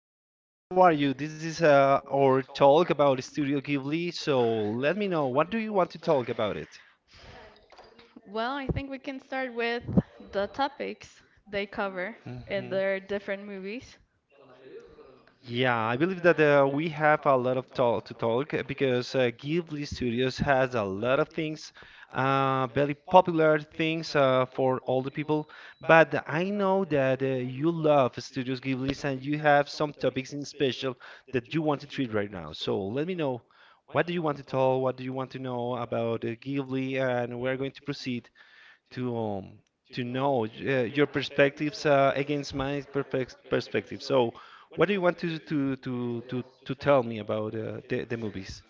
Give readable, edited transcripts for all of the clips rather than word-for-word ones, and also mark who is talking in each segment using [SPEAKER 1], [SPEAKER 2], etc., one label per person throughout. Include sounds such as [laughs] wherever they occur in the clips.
[SPEAKER 1] Hello, Maria. How are you? This is our talk about Studio Ghibli. So let me know, what do you want to talk about it? Mhm. Yeah, I believe that we have a lot of talk to talk because Ghibli Studios has a lot of things, very popular things for all the people. But I know that you love Studios Ghibli, and you have some topics in special that you want to treat right now. So let me know what do you want to talk, what do you want to know about Ghibli, and we're going to proceed to um, to know your perspectives against my perspective. So, what do you want to tell me about the movies?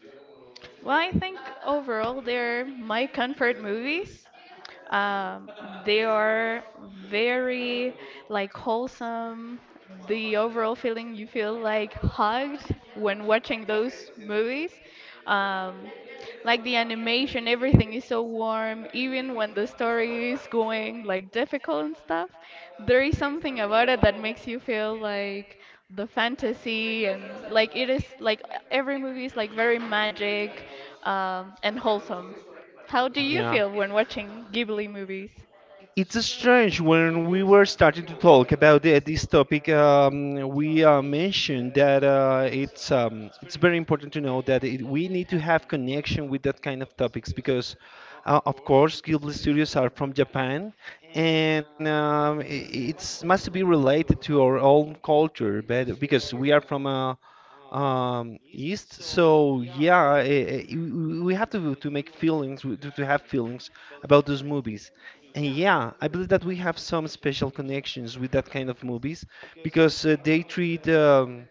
[SPEAKER 1] It's strange when we were starting to talk about this topic. We mentioned that it's very important to know that we need to have connection with that kind of topics, because of course, Ghibli studios are from Japan, and it's must be related to our own culture, but because we are from east. So yeah, we have to make feelings, to have feelings about those movies. And yeah, I believe that we have some special connections with that kind of movies because they treat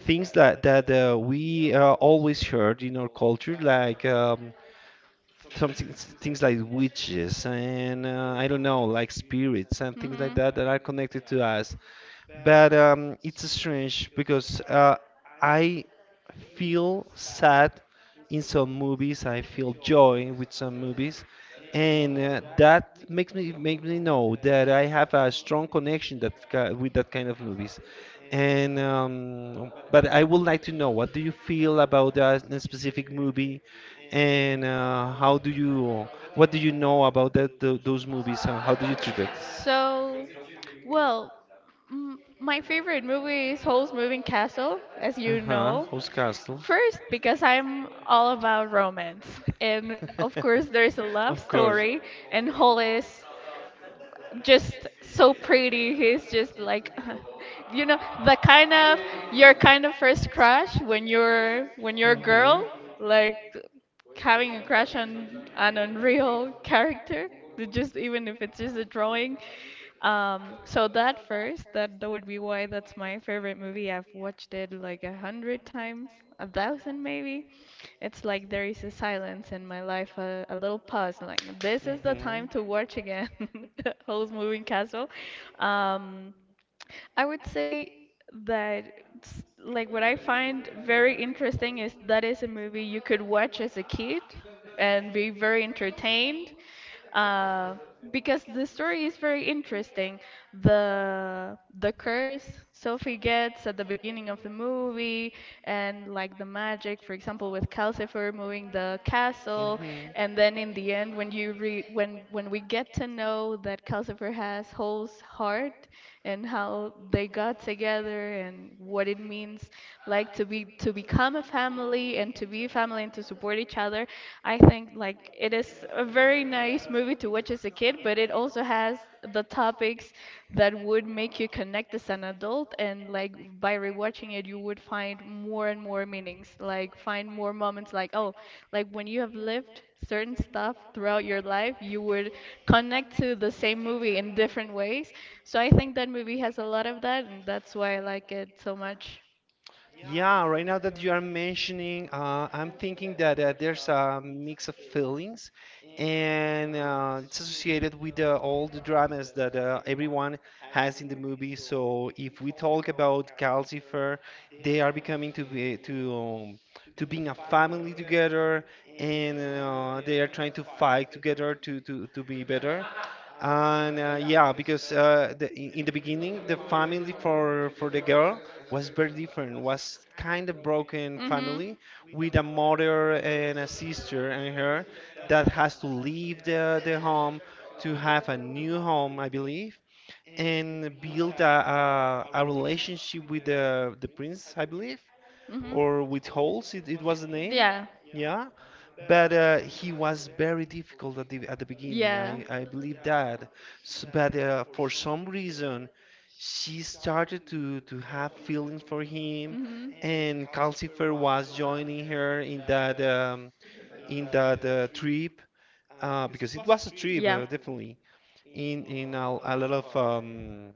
[SPEAKER 1] things that we always heard in our culture, like something, things like witches and I don't know, like spirits and things like that that are connected to us. But it's strange because I feel sad in some movies. I feel joy with some movies, and that makes me know that I have a strong connection with that kind of movies. And but I would like to know what do you feel about specific movie, and how do you, what do you know about those movies and how do you treat it? Who's Castle? Romance. [laughs] You [laughs] Yeah, right now that you are mentioning, I'm thinking that there's a mix of feelings, and it's associated with all the dramas that everyone has in the movie. So if we talk about Calcifer, they are becoming to be to being a family together, and they are trying to fight together to be better. And yeah, because in the beginning, the family for the girl was very different. Was kind of broken family with a mother and a sister and her, that has to leave the home to have a new home, I believe, and build a relationship with the prince, I believe, or with holes, it was the name, yeah. But he was very difficult at the beginning, I believe that, S, but for some reason she started to have feelings for him, and Calcifer was joining her in that trip, because it was a trip, definitely, in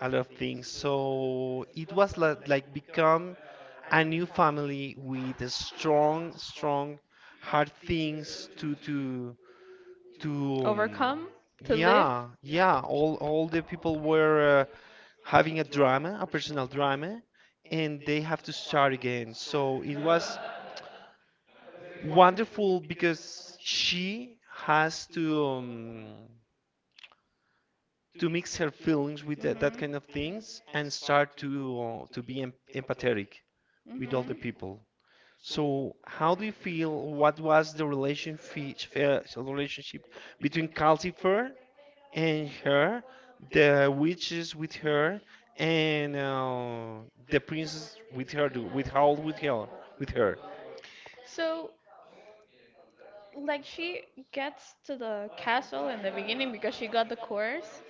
[SPEAKER 1] a lot of things. So it was like become a new family with strong, strong, hard things to to. Um, yeah, yeah. All the people were having a drama, a personal drama, and they have to start again. So it was wonderful because she has to mix her feelings with that kind of things, and start to be empathetic with all the people. So, how do you feel? What was the relationship, relationship between Calcifer and her, the witches with her, and the princess with her, with Howl with her, with her?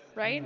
[SPEAKER 1] Hmm.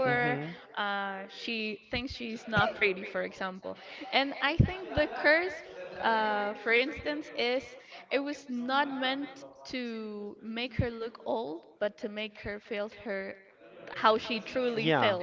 [SPEAKER 1] Hmm. Yeah.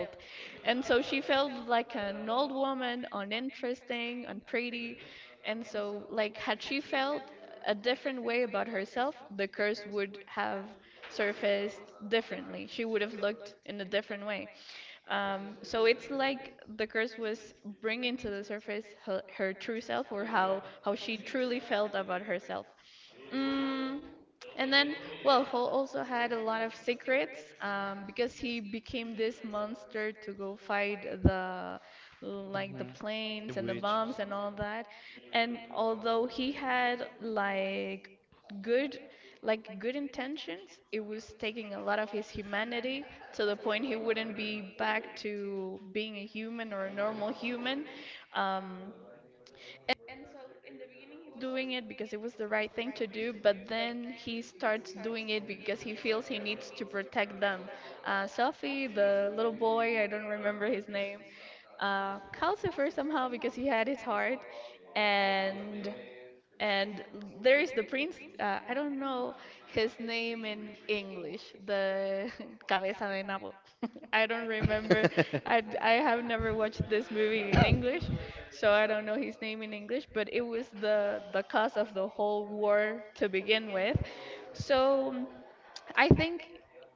[SPEAKER 1] Mhm. The witches.
[SPEAKER 2] Was doing it because it was the right thing to do, but then he starts doing it because he feels he needs to protect them. Selfie, the little boy, I don't remember his name, Calcifer somehow because he had his heart, and and there is the prince. I don't know his name in English. The [laughs] cabeza de nabo. [laughs] I don't remember. I have never watched this movie
[SPEAKER 1] [coughs]
[SPEAKER 2] in English,
[SPEAKER 1] [laughs]
[SPEAKER 2] so I don't know his name in English. But it was the cause of the whole war to begin with. So. I think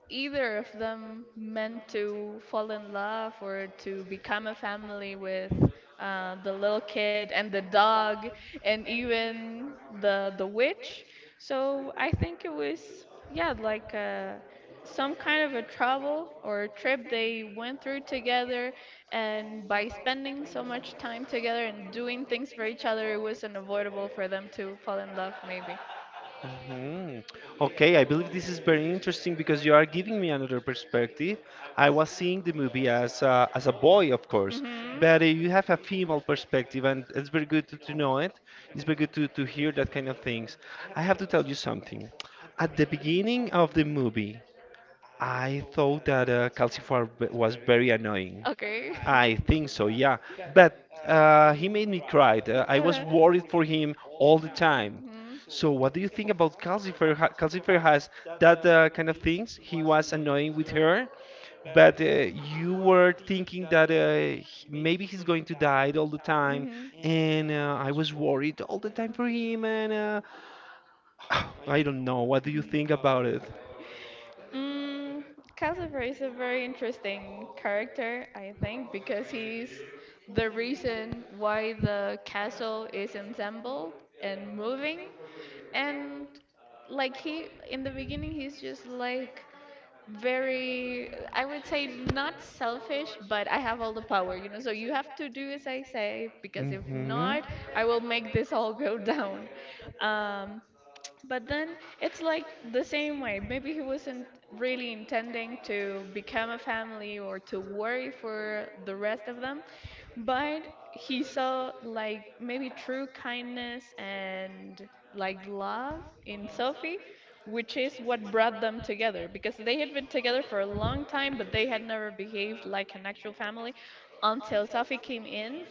[SPEAKER 2] either of them meant to fall in love or to become a family with the little kid and the dog and even the witch. So I think it was, yeah, like, some kind of a travel or a trip they went through together, and by spending so much time together and doing things for each other, it was unavoidable for them to fall in love maybe
[SPEAKER 1] Mhm. Okay, I believe this is very interesting because you are giving me another perspective. I was seeing the movie as as a boy, of course,
[SPEAKER 2] but.
[SPEAKER 1] but you have a female perspective, and it's very good to know it. It's very good to hear that kind of things. I have to tell you something. At the beginning of the movie, I thought that Calcifer was very annoying.
[SPEAKER 2] Okay.
[SPEAKER 1] I think so,
[SPEAKER 2] [laughs]
[SPEAKER 1] yeah. But he made me cry. I was worried for him all the time.
[SPEAKER 2] Hmm.
[SPEAKER 1] So, what do you think about Calcifer? Calcifer has that kind of things. He was annoying with her, but you were thinking that maybe he's going to die all the time,
[SPEAKER 2] Mhm.
[SPEAKER 1] and I was worried all the time for him. And [sighs] I don't know. What do you think about it?
[SPEAKER 2] Mm, Cassifer is a very interesting character, I think, because he's the reason why the castle is assembled and moving. And like he, in the beginning, he's just like very, I would say, not selfish, but I have all the power, you know, so you have to do as I say because if not I will make this all go [laughs] down. um, but then it's like the same way. Maybe he wasn't really intending to become a family or to worry for the rest of them, but he saw like maybe true kindness and like love in Sophie, which is what brought them together because they had been together for a long time, but they had never behaved like an actual family until Sophie came in.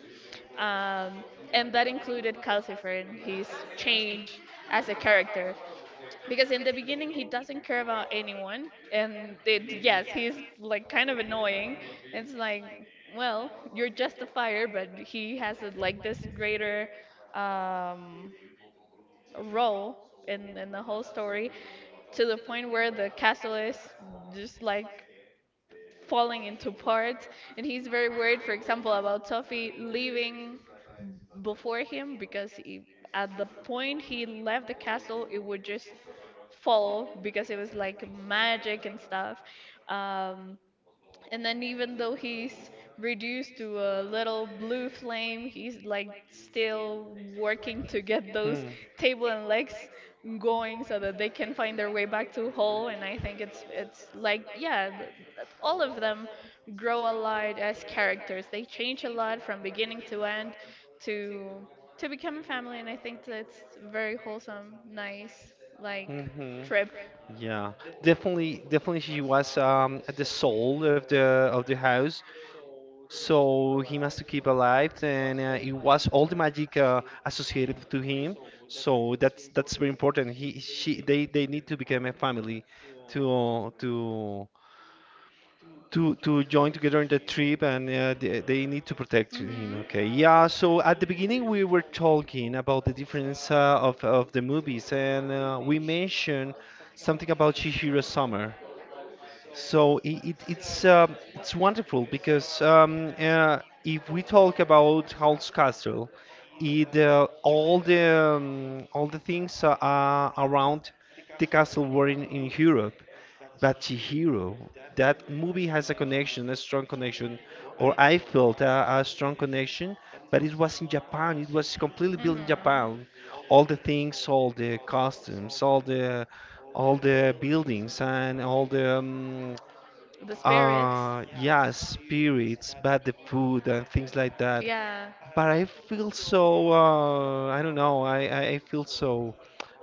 [SPEAKER 2] Um, and that included Calcifer and his change as a character, because in the beginning he doesn't care about anyone, and it, yes, he's like kind of annoying. It's like, well, you're just a fire, but he has a, like, this greater um, role in the whole story, to the point where the castle is just like falling into parts, and he's very worried, for example, about Sophie leaving before him because he, at the point he left the castle, it would just fall because it was like magic and stuff. Um, and then even though he's reduced to a little blue flame, he's like still working to get those table and legs going so that they can find their way back to Hull. And I think it's like, yeah, all of them grow a lot as characters. They change a lot from beginning to end to become a family. And I think that's very wholesome, nice, like,
[SPEAKER 1] Mm-hmm.
[SPEAKER 2] trip.
[SPEAKER 1] Yeah, definitely, definitely she was at the soul of the house, so he must keep alive, and it was all the magic associated to him. So that's very important. He she they need to become a family to to to join together in the trip. And they need to protect him. Okay, yeah. So at the beginning we were talking about the difference of the movies, and we mentioned something about Chihiro Summer. So it's it's wonderful because, if we talk about Howl's Castle, it all the things around the castle were in Europe. But Chihiro, that movie has a connection, a strong connection, or I felt a strong connection, but it was in Japan. It was completely built in Japan. All the things, all the costumes, all the buildings, and all the yeah, spirits, but the food and things like that. But I feel so I don't know, I I feel so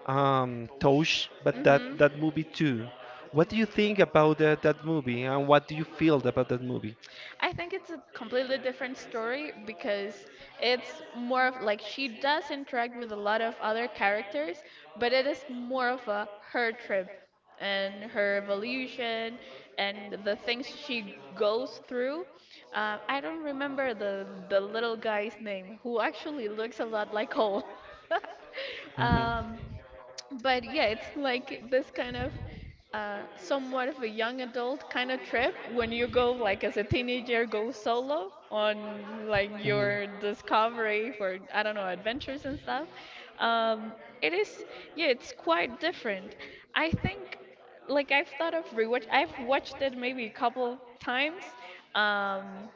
[SPEAKER 1] touched but that movie too. What do you think about that movie, and what do you feel about that movie?
[SPEAKER 2] I think it's a completely different story because it's more of like she does interact with a lot of other characters, but it is more of a her trip and her evolution and the things she goes through. I don't remember the little guy's name who actually looks a lot like Cole. [laughs]
[SPEAKER 1] Mhm.
[SPEAKER 2] um, but yeah, it's like this kind of somewhat of a young adult kind of trip when you go like as a teenager, go solo on like your discovery for, I don't know, adventures and stuff. Um, it is, yeah, it's quite different.
[SPEAKER 1] Mhm.
[SPEAKER 2] I think, like, I've thought of rewatch. I've watched it maybe a couple times. Um,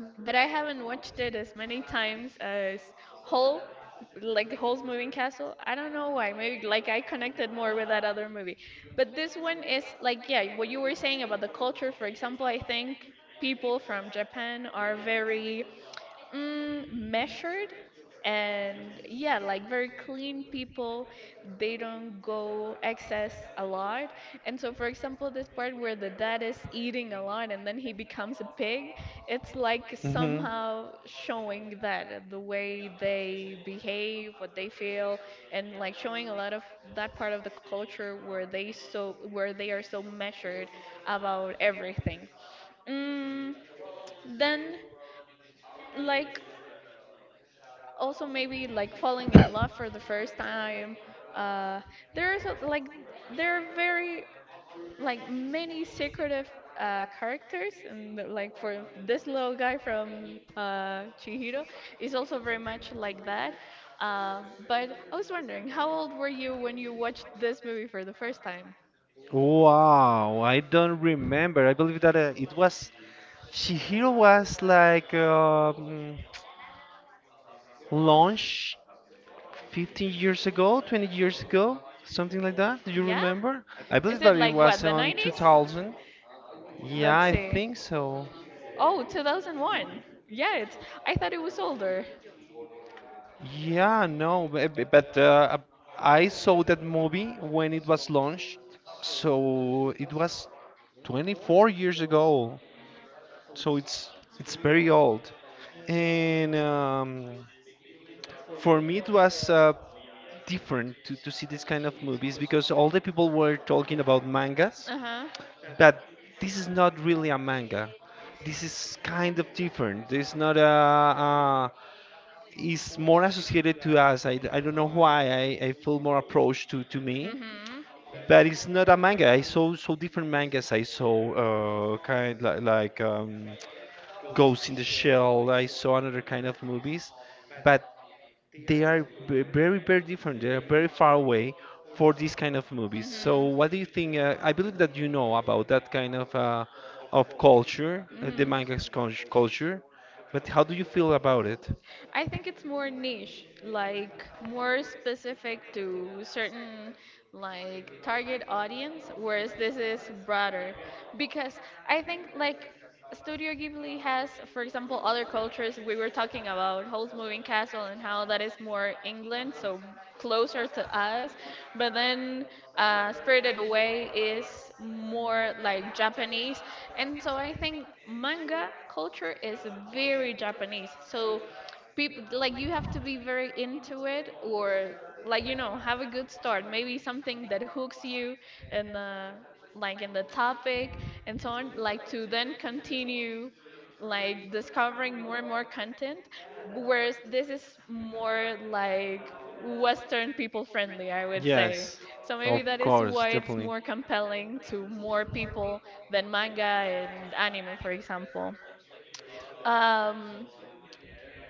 [SPEAKER 2] but I haven't watched it as many times as *Hole*, like *Hole's Moving Castle. I don't know why. Maybe like I connected more with that other movie. But this one is like, yeah, what you were saying about the culture. For example, I think people from Japan are very, measured, and, yeah, like very clean people. They don't go excess a lot, and so for example this part where the dad is eating a lot and then he becomes a pig, it's like
[SPEAKER 1] Mhm.
[SPEAKER 2] somehow showing that the way they behave, what they feel, and like showing a lot of that part of the culture where they so where they are so measured about everything. mm, then, like, also maybe like falling in love for the first time. uh there's like, there are very, like, many secretive characters, and like for this little guy from Chihiro, is also very much like that. But I was wondering how old were you when you watched this movie for the first time.
[SPEAKER 1] Wow, I don't remember. I believe that it was, Shihiro was like, launched 15 years ago, 20 years ago, something like that. Do you
[SPEAKER 2] Yeah.
[SPEAKER 1] remember? I believe
[SPEAKER 2] Is it
[SPEAKER 1] that it
[SPEAKER 2] like what,
[SPEAKER 1] was
[SPEAKER 2] the
[SPEAKER 1] on
[SPEAKER 2] 90s?
[SPEAKER 1] 2000. Yeah,
[SPEAKER 2] Let's
[SPEAKER 1] I
[SPEAKER 2] see.
[SPEAKER 1] think so.
[SPEAKER 2] Oh, 2001, yeah, it's, I thought it was older.
[SPEAKER 1] Yeah, no, but I saw that movie when it was launched, so it was 24 years ago. So it's very old, and for me it was different to see this kind of movies because all the people were talking about mangas,
[SPEAKER 2] Uh-huh.
[SPEAKER 1] but this is not really a manga. This is kind of different. This is not a, is more associated to us. I don't know why, I feel more approached to me,
[SPEAKER 2] Mm-hmm.
[SPEAKER 1] but it's not a manga. I saw so different mangas. I saw kind, like, Ghost in the Shell. I saw another kind of movies, but they are very very different. They are very far away for these kind of movies. So what do you think? I believe that you know about that kind of culture, the manga's culture. But how do you feel about it?
[SPEAKER 2] I think it's more niche, like more specific to certain, like, target audience, whereas this is broader because I think, like, Studio Ghibli has, for example, other cultures. We were talking about Howl's Moving Castle and how that is more England, so closer to us. But then, Spirited Away is more like Japanese, and so I think manga culture is very Japanese. So people, like, you have to be very into it, or like, you know, have a good start, maybe something that hooks you in the, like, in the topic, and so on, like to then continue, like, discovering more and more content, whereas this is more like western people friendly, I would say.
[SPEAKER 1] Yes,
[SPEAKER 2] So maybe
[SPEAKER 1] of
[SPEAKER 2] that is
[SPEAKER 1] course,
[SPEAKER 2] why it's
[SPEAKER 1] definitely.
[SPEAKER 2] more compelling to more people than manga and anime, for example. um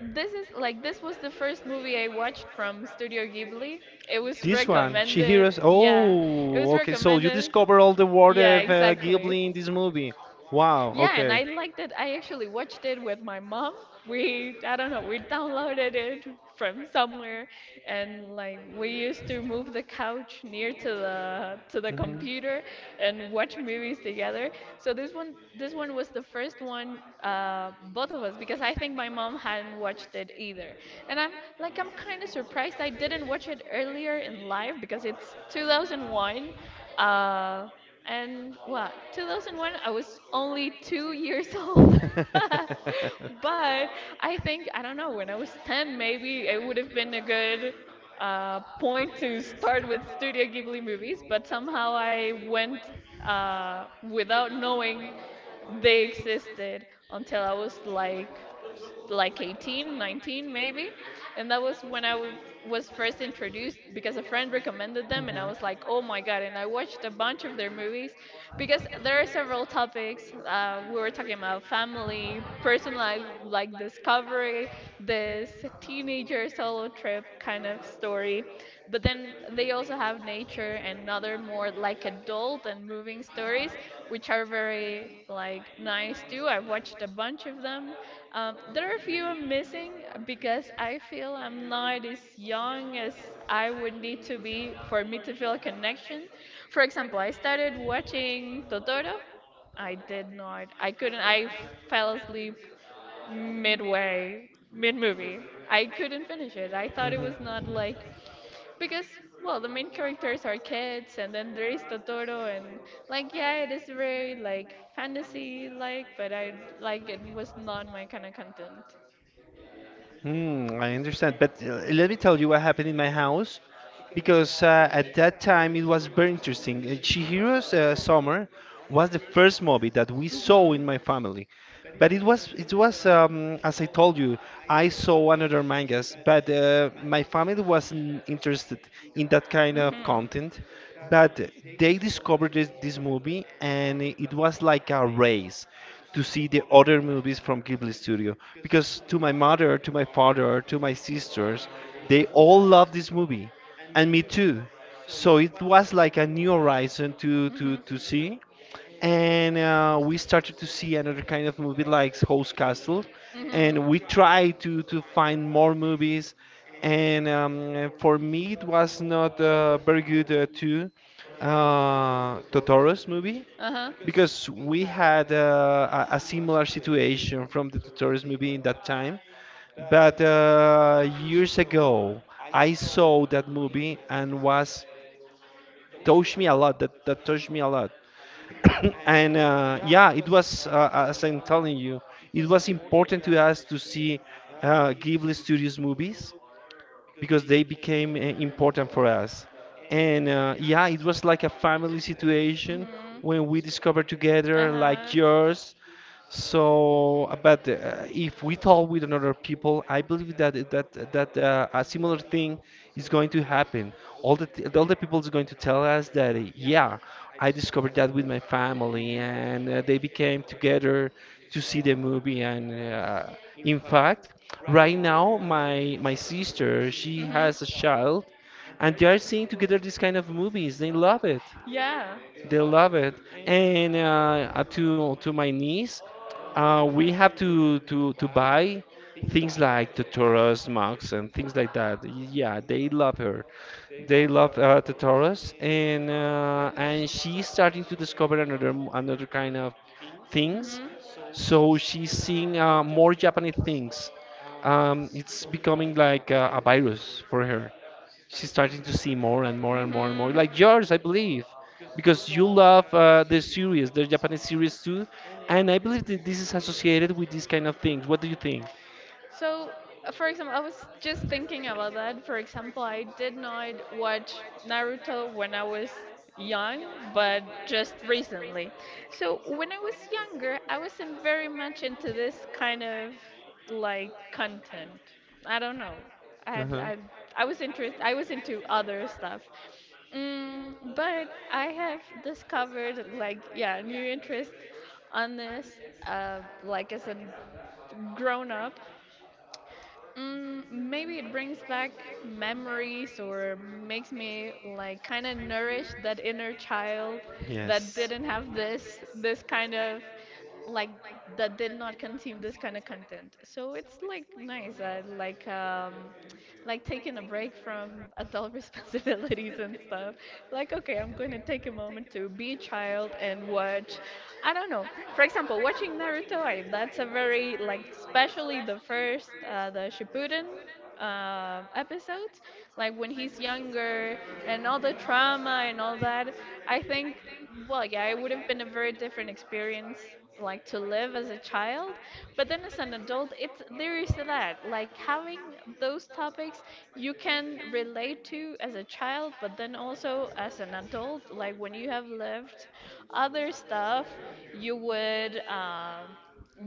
[SPEAKER 2] this is like, this was the first movie I watched from Studio Ghibli. It was
[SPEAKER 1] This one, she
[SPEAKER 2] recommended.
[SPEAKER 1] hears.
[SPEAKER 2] Yeah. It
[SPEAKER 1] Oh,
[SPEAKER 2] was
[SPEAKER 1] okay. So you
[SPEAKER 2] recommended.
[SPEAKER 1] discover all the world
[SPEAKER 2] Yeah,
[SPEAKER 1] of
[SPEAKER 2] exactly.
[SPEAKER 1] Ghibli in this movie. Wow.
[SPEAKER 2] Yeah, and
[SPEAKER 1] Okay.
[SPEAKER 2] I liked it. I actually watched it with my mom. We, I don't know, we downloaded it from somewhere, and like we used to move the couch near to the
[SPEAKER 1] Mhm.
[SPEAKER 2] computer and watch movies together. So this one, was the first one, both of us, because I think my mom hadn't watched it either. And I'm like, I'm kind of surprised I didn't watch it earlier in life because it's 2001. Uh,
[SPEAKER 1] [laughs] And I
[SPEAKER 2] and well, 2001, I was only 2 years old. [laughs] But I think, I don't know, when I was 10, maybe it would have been a good point to start with Studio Ghibli movies. But somehow I went without knowing they existed until I was like, 18,
[SPEAKER 1] [laughs]
[SPEAKER 2] 19 maybe. And that was when I was first introduced because a friend recommended them and I was like, "Oh my God." And I watched a bunch of their movies because there are several topics. We were talking about family, personal life, like discovery, this teenager solo trip kind of story. But then they also have nature and other more like adult and moving stories, which are very like nice too. I've watched a bunch of them. There are a few I'm missing because I feel I'm not as young as I would need to be for me to feel a connection. For example, I started watching Totoro. I did not. I couldn't. I fell asleep midway, mid movie. I couldn't finish it. I thought it was not like, because, well, the main characters are kids and then there is Totoro and, like, yeah, it is very like fantasy like, but I, like, it was not my kind of content.
[SPEAKER 1] Hmm, I understand. But let me tell you what happened in my house because at that time it was very interesting. Chihiro's Summer was the first movie that we saw
[SPEAKER 2] Mhm.
[SPEAKER 1] in my family. But it was as I told you, I saw another mangas, but my family wasn't interested in that kind of content. But they discovered this movie, and it was like a race to see the other movies from Ghibli Studio. Because to my mother, to my father, to my sisters, they all love this movie, and me too. So it was like a new horizon to see, and we started to see another kind of movie like House Castle, and we tried to find more movies, and for me it was
[SPEAKER 2] Not
[SPEAKER 1] not
[SPEAKER 2] very
[SPEAKER 1] very
[SPEAKER 2] good
[SPEAKER 1] good
[SPEAKER 2] too.
[SPEAKER 1] too. Totoro's movie,
[SPEAKER 2] Uh-huh.
[SPEAKER 1] because we had a similar situation from the Totoros movie in that time. But years ago, I saw that movie and was touched me a lot. That touched me a lot. [coughs] [clears throat] And yeah, it was, as I'm telling you, it was important to us to see Ghibli Studios movies because they became important for us. And yeah, it was like a family situation
[SPEAKER 2] Mhm.
[SPEAKER 1] when we discovered together, like yours. So, but if we talk with another people, I believe that that a similar thing is going to happen. All the people is going to tell us that yeah, I discovered that with my family, and they became together to see the movie. And In fact, right now, my sister, she has a child, and they are seeing together these kind of movies. They love it.
[SPEAKER 2] Yeah.
[SPEAKER 1] They love it. And to my niece, we have to buy things like the Taurus mugs and things like that. Yeah, they love her. They love the Taurus, and she's starting to discover another kind of things.
[SPEAKER 2] Mhm.
[SPEAKER 1] So she's seeing more Japanese things. It's becoming like a virus for her. She's starting to see more and more and more and more, like yours, I believe, because you love the series, the Japanese series too, and I believe that this is associated with these kind of things. What do you think?
[SPEAKER 2] So, for example, I was just thinking about that. For example, I did not watch Naruto when I was young, but just recently. So, when I was younger, I wasn't very much into this kind of, like, content. I don't know. I had,
[SPEAKER 1] Uh-huh.
[SPEAKER 2] I I was interest, I was into other stuff. But I have discovered, like, yeah, new interest on this, like, as a grown up. Maybe it brings back memories or makes me like kind of nourish that inner child that didn't have this kind of, like, that did not consume this kind of content. So it's like nice. I like, like taking a break from adult [laughs] responsibilities and stuff. Like, okay, I'm going to take a moment to be a child and watch. I don't know. For example, watching Naruto, that's a very especially the first, the Shippuden episodes, like when he's younger and all the trauma and all that, I think, well, yeah, it would have been a very different experience like to live as a child, but then as an adult, it's there is that like having those topics you can relate to as a child but then also as an adult like when you have lived other stuff, you would um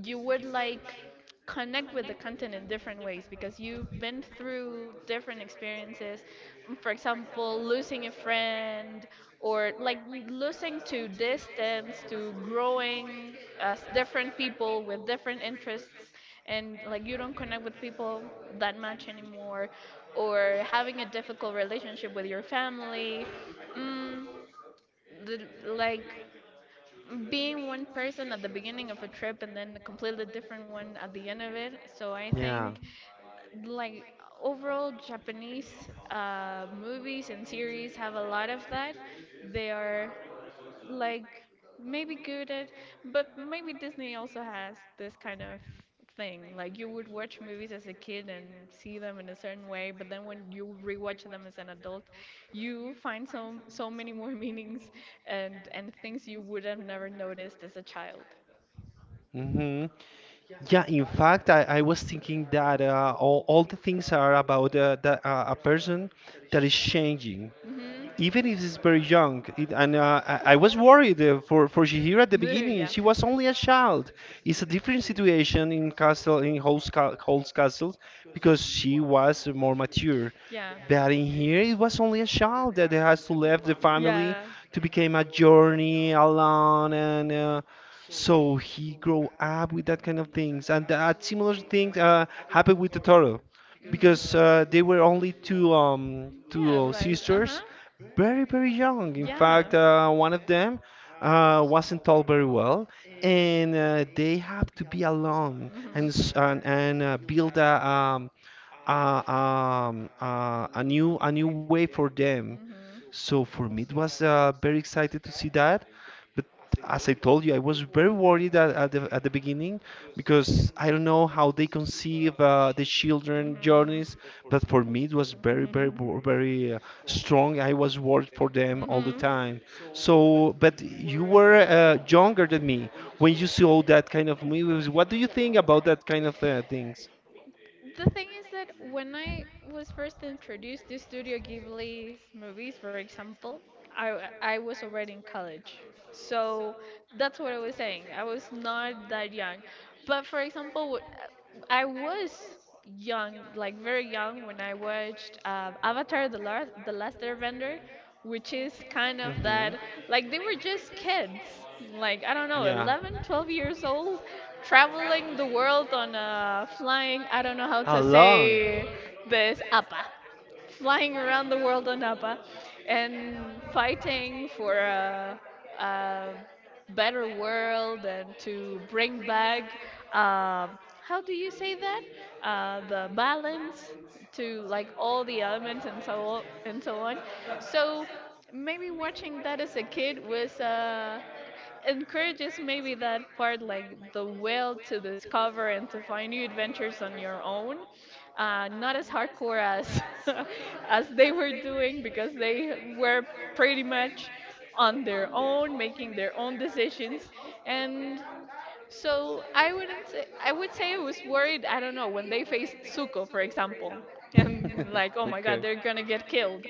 [SPEAKER 2] you would like connect with the content in different ways because you've been through different experiences. For example, losing a friend or like losing to distance to growing as different people with different interests and like you don't connect with people that much anymore, or having a difficult relationship with your family, mm, the, like being one person at the beginning of a trip and then a completely different one at the end of it. So I think, like, overall, Japanese movies and series have a lot of that. They are like maybe good at, but maybe Disney also has this kind of thing. Like you would watch movies as a kid and see them in a certain way, but then when you rewatch them as an adult, you find so many more [laughs] meanings and things you would have never noticed as a child.
[SPEAKER 1] Mm-hmm. Yeah, in fact, I was thinking that all the things are about a person that is changing
[SPEAKER 2] Mhm.
[SPEAKER 1] even if it's very young. It, and I was worried for Shihiro at the
[SPEAKER 2] [laughs]
[SPEAKER 1] beginning.
[SPEAKER 2] Yeah.
[SPEAKER 1] She was only a child. It's a different situation in castle in Holt's, ca- Holt's Castle because she was more mature.
[SPEAKER 2] Yeah.
[SPEAKER 1] But in here, it was only a child that has to leave the family
[SPEAKER 2] Yeah.
[SPEAKER 1] to become a journey alone, and so he grow up with that kind of things. And that similar things happened with Totoro because they were only two um,
[SPEAKER 2] Mhm.
[SPEAKER 1] two
[SPEAKER 2] Yeah,
[SPEAKER 1] uh,
[SPEAKER 2] like, uh
[SPEAKER 1] sisters
[SPEAKER 2] huh.
[SPEAKER 1] very, very young. In
[SPEAKER 2] Yeah.
[SPEAKER 1] fact, one of them wasn't taught very well, and they have to be alone
[SPEAKER 2] Mhm.
[SPEAKER 1] and build a new way for them. So for me, it was very excited to see
[SPEAKER 2] Mhm.
[SPEAKER 1] that. But as I told you, I was very worried at the beginning because I don't know how they conceive the children journeys.
[SPEAKER 2] Mhm.
[SPEAKER 1] But for me, it was
[SPEAKER 2] [laughs]
[SPEAKER 1] very strong. I was worried for them all the time. So, but you were younger than me when you saw that kind of movies. What do you think about that kind of things?
[SPEAKER 2] Mhm. The thing is that when I was first introduced to Studio Ghibli's movies, for example, I was already in college. So that's what I was saying. I was not that young. But for example, I was young, like very young, when I watched Avatar: The Last Airbender, which is kind of that. Like they were just kids, like I don't know, 11, 12 years old, traveling the world on a flying. I don't know how to say this. Apa flying around the world on APA and fighting for a better world and to bring back um, how do you say that, the balance to like all the elements and so on. So maybe watching that as a kid was encourages maybe that part, like the will to discover and to find new adventures on your own, not as hardcore as [laughs] as they were doing because they were pretty much on their own making their own decisions. And so I wouldn't say, I would say I was worried. I don't know, when they faced Suko, for example, and like, oh my
[SPEAKER 1] [laughs]
[SPEAKER 2] god, they're gonna get killed.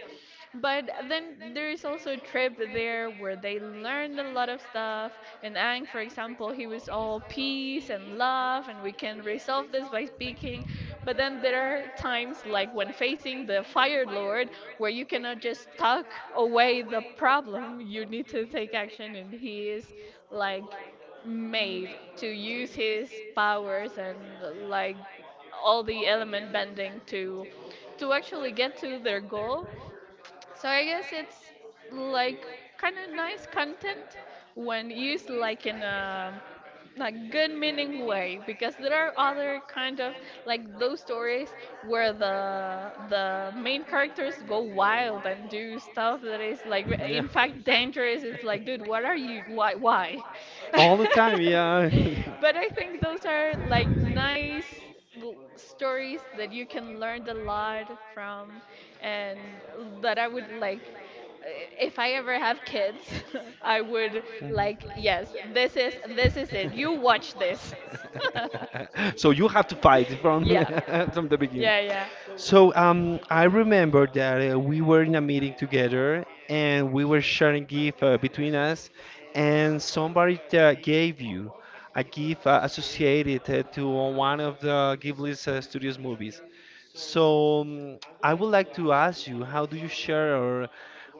[SPEAKER 2] But then there is also a trip there where they learned a lot of stuff. And Ang, for example, he was all peace and love, and we can resolve this by speaking. But then there are times, like when facing the Fire Lord, where you cannot just talk away the problem. You need to take action, and he is like made to use his powers and like all the element bending to actually get to their goal. So I guess it's like kind of nice content when used like in a like good meaning way, because there are other kind of like those stories where the main characters go wild and do stuff that is like in fact dangerous. It's like, dude, what are you, why?
[SPEAKER 1] All the time, yeah.
[SPEAKER 2] [laughs]
[SPEAKER 1] [laughs]
[SPEAKER 2] But I think those are like nice stories that you can learn a lot from, and that I would like, if I ever have kids, [laughs] I would
[SPEAKER 1] Mhm.
[SPEAKER 2] like, yes,
[SPEAKER 1] [laughs]
[SPEAKER 2] this is it. You watch this.
[SPEAKER 1] This.
[SPEAKER 2] [laughs]
[SPEAKER 1] [laughs] So you have to fight from
[SPEAKER 2] Yeah.
[SPEAKER 1] [laughs] yeah, from the beginning.
[SPEAKER 2] Yeah,
[SPEAKER 1] So I remember that we were in a meeting together and we were sharing gift between us, and somebody gave you a gift associated to one of the Ghibli's studios movies.
[SPEAKER 2] yeah.
[SPEAKER 1] So I would like to ask you, how do you share or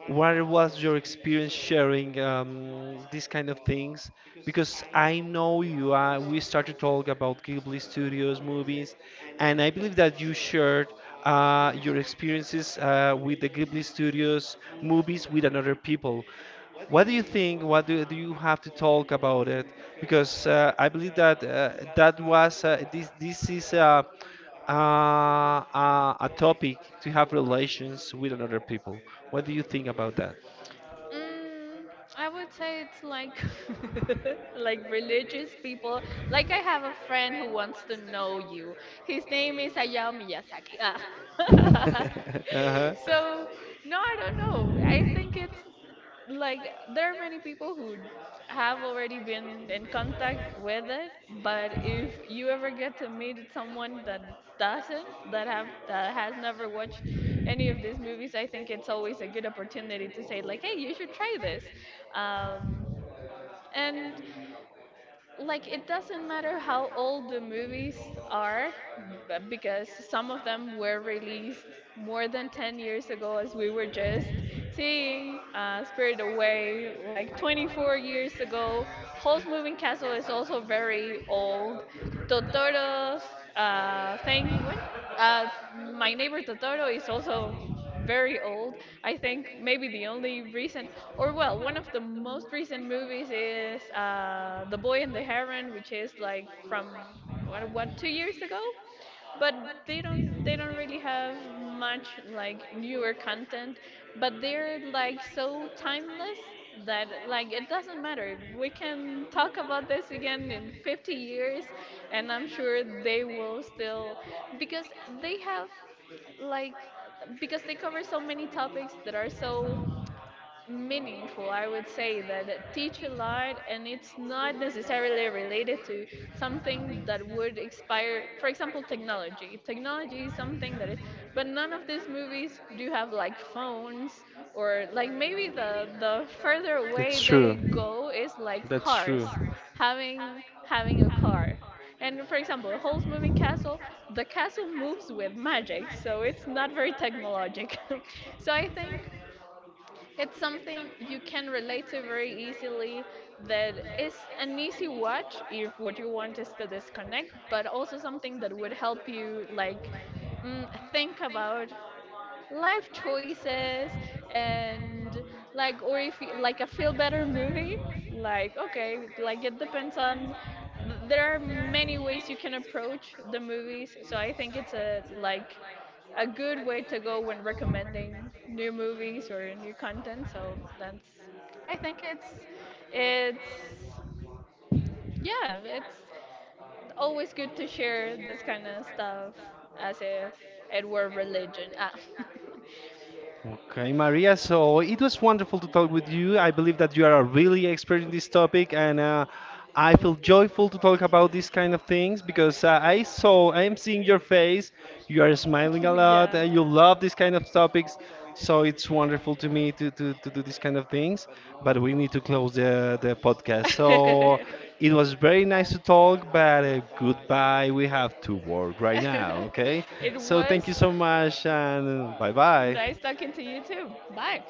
[SPEAKER 1] what was your experience sharing these kind of things? Because I know you are, we started to talk about Ghibli Studios movies, and I believe that you shared your experiences with the Ghibli Studios movies with another people. What do you think? What do you have to talk about it? Because I believe that that was this this is a topic to have relations with another people. What do you think about that?
[SPEAKER 2] Mm, I would say it's like [laughs] like religious people. Like I have a friend who wants to know you. His name is Hayao Miyazaki. Ah. [laughs]
[SPEAKER 1] [laughs] Uh-huh.
[SPEAKER 2] So no, I don't know. I think it's like there are many people who have already been in contact with it, but if you ever get to meet someone that doesn't, that have, that has never watched any of these movies, I think it's always a good opportunity to say like, hey, you should try this. Um, and like it doesn't matter how old the movies are, because some of them were released more than 10 years ago, as we were just seeing, Spirit Away like 24 years ago. Howl's Moving Castle is also very old. Totoro's thing. What? Uh, my Neighbor Totoro is also very old. I think maybe the only recent, or well, one of the most recent movies is The Boy and the Heron, which is like from what, 2 years ago? But they don't, they don't really have much like newer content, but they're like so timeless that like it doesn't matter, we can talk about this again in 50 years and I'm sure they will still, because they have like, because they cover so many topics that are so meaningful. I would say that it teach a lot, and it's not necessarily related to something that would expire. For example, technology. Technology is something that is, but none of these movies do have like phones, or like maybe the further away they go is like cars, having a car. And for example, a Hall's Moving Castle, the castle moves with magic, so it's not very technologic. [laughs] So I
[SPEAKER 1] [laughs]
[SPEAKER 2] think it's something you can relate to very easily. That is an easy watch if what you want is to disconnect, but also something that would help you like think about life choices and like, or if you, like a feel better movie, like okay, like it depends on, there are many ways you can approach the movies. So I think it's a like a good way to go when recommending new movies or new content. So that's, I think it's, yeah, it's always good to share this kind of stuff as if it were religion. Ah. [laughs]
[SPEAKER 1] Okay, Maria, so it was wonderful to talk with you. I believe that you are a really expert in this topic, and I feel joyful to talk about these kind of things because I am seeing your face, you are smiling a
[SPEAKER 2] [laughs]
[SPEAKER 1] lot, you love these kind of topics, so it's wonderful to me to do these kind of things. But we
[SPEAKER 2] [laughs]
[SPEAKER 1] need to close the podcast. So
[SPEAKER 2] It
[SPEAKER 1] it
[SPEAKER 2] was
[SPEAKER 1] was very nice to talk, but goodbye. We have to work right
[SPEAKER 2] right.
[SPEAKER 1] now, okay?
[SPEAKER 2] So
[SPEAKER 1] So thank you
[SPEAKER 2] so
[SPEAKER 1] so much, and bye bye.
[SPEAKER 2] nice talking to you too. Bye.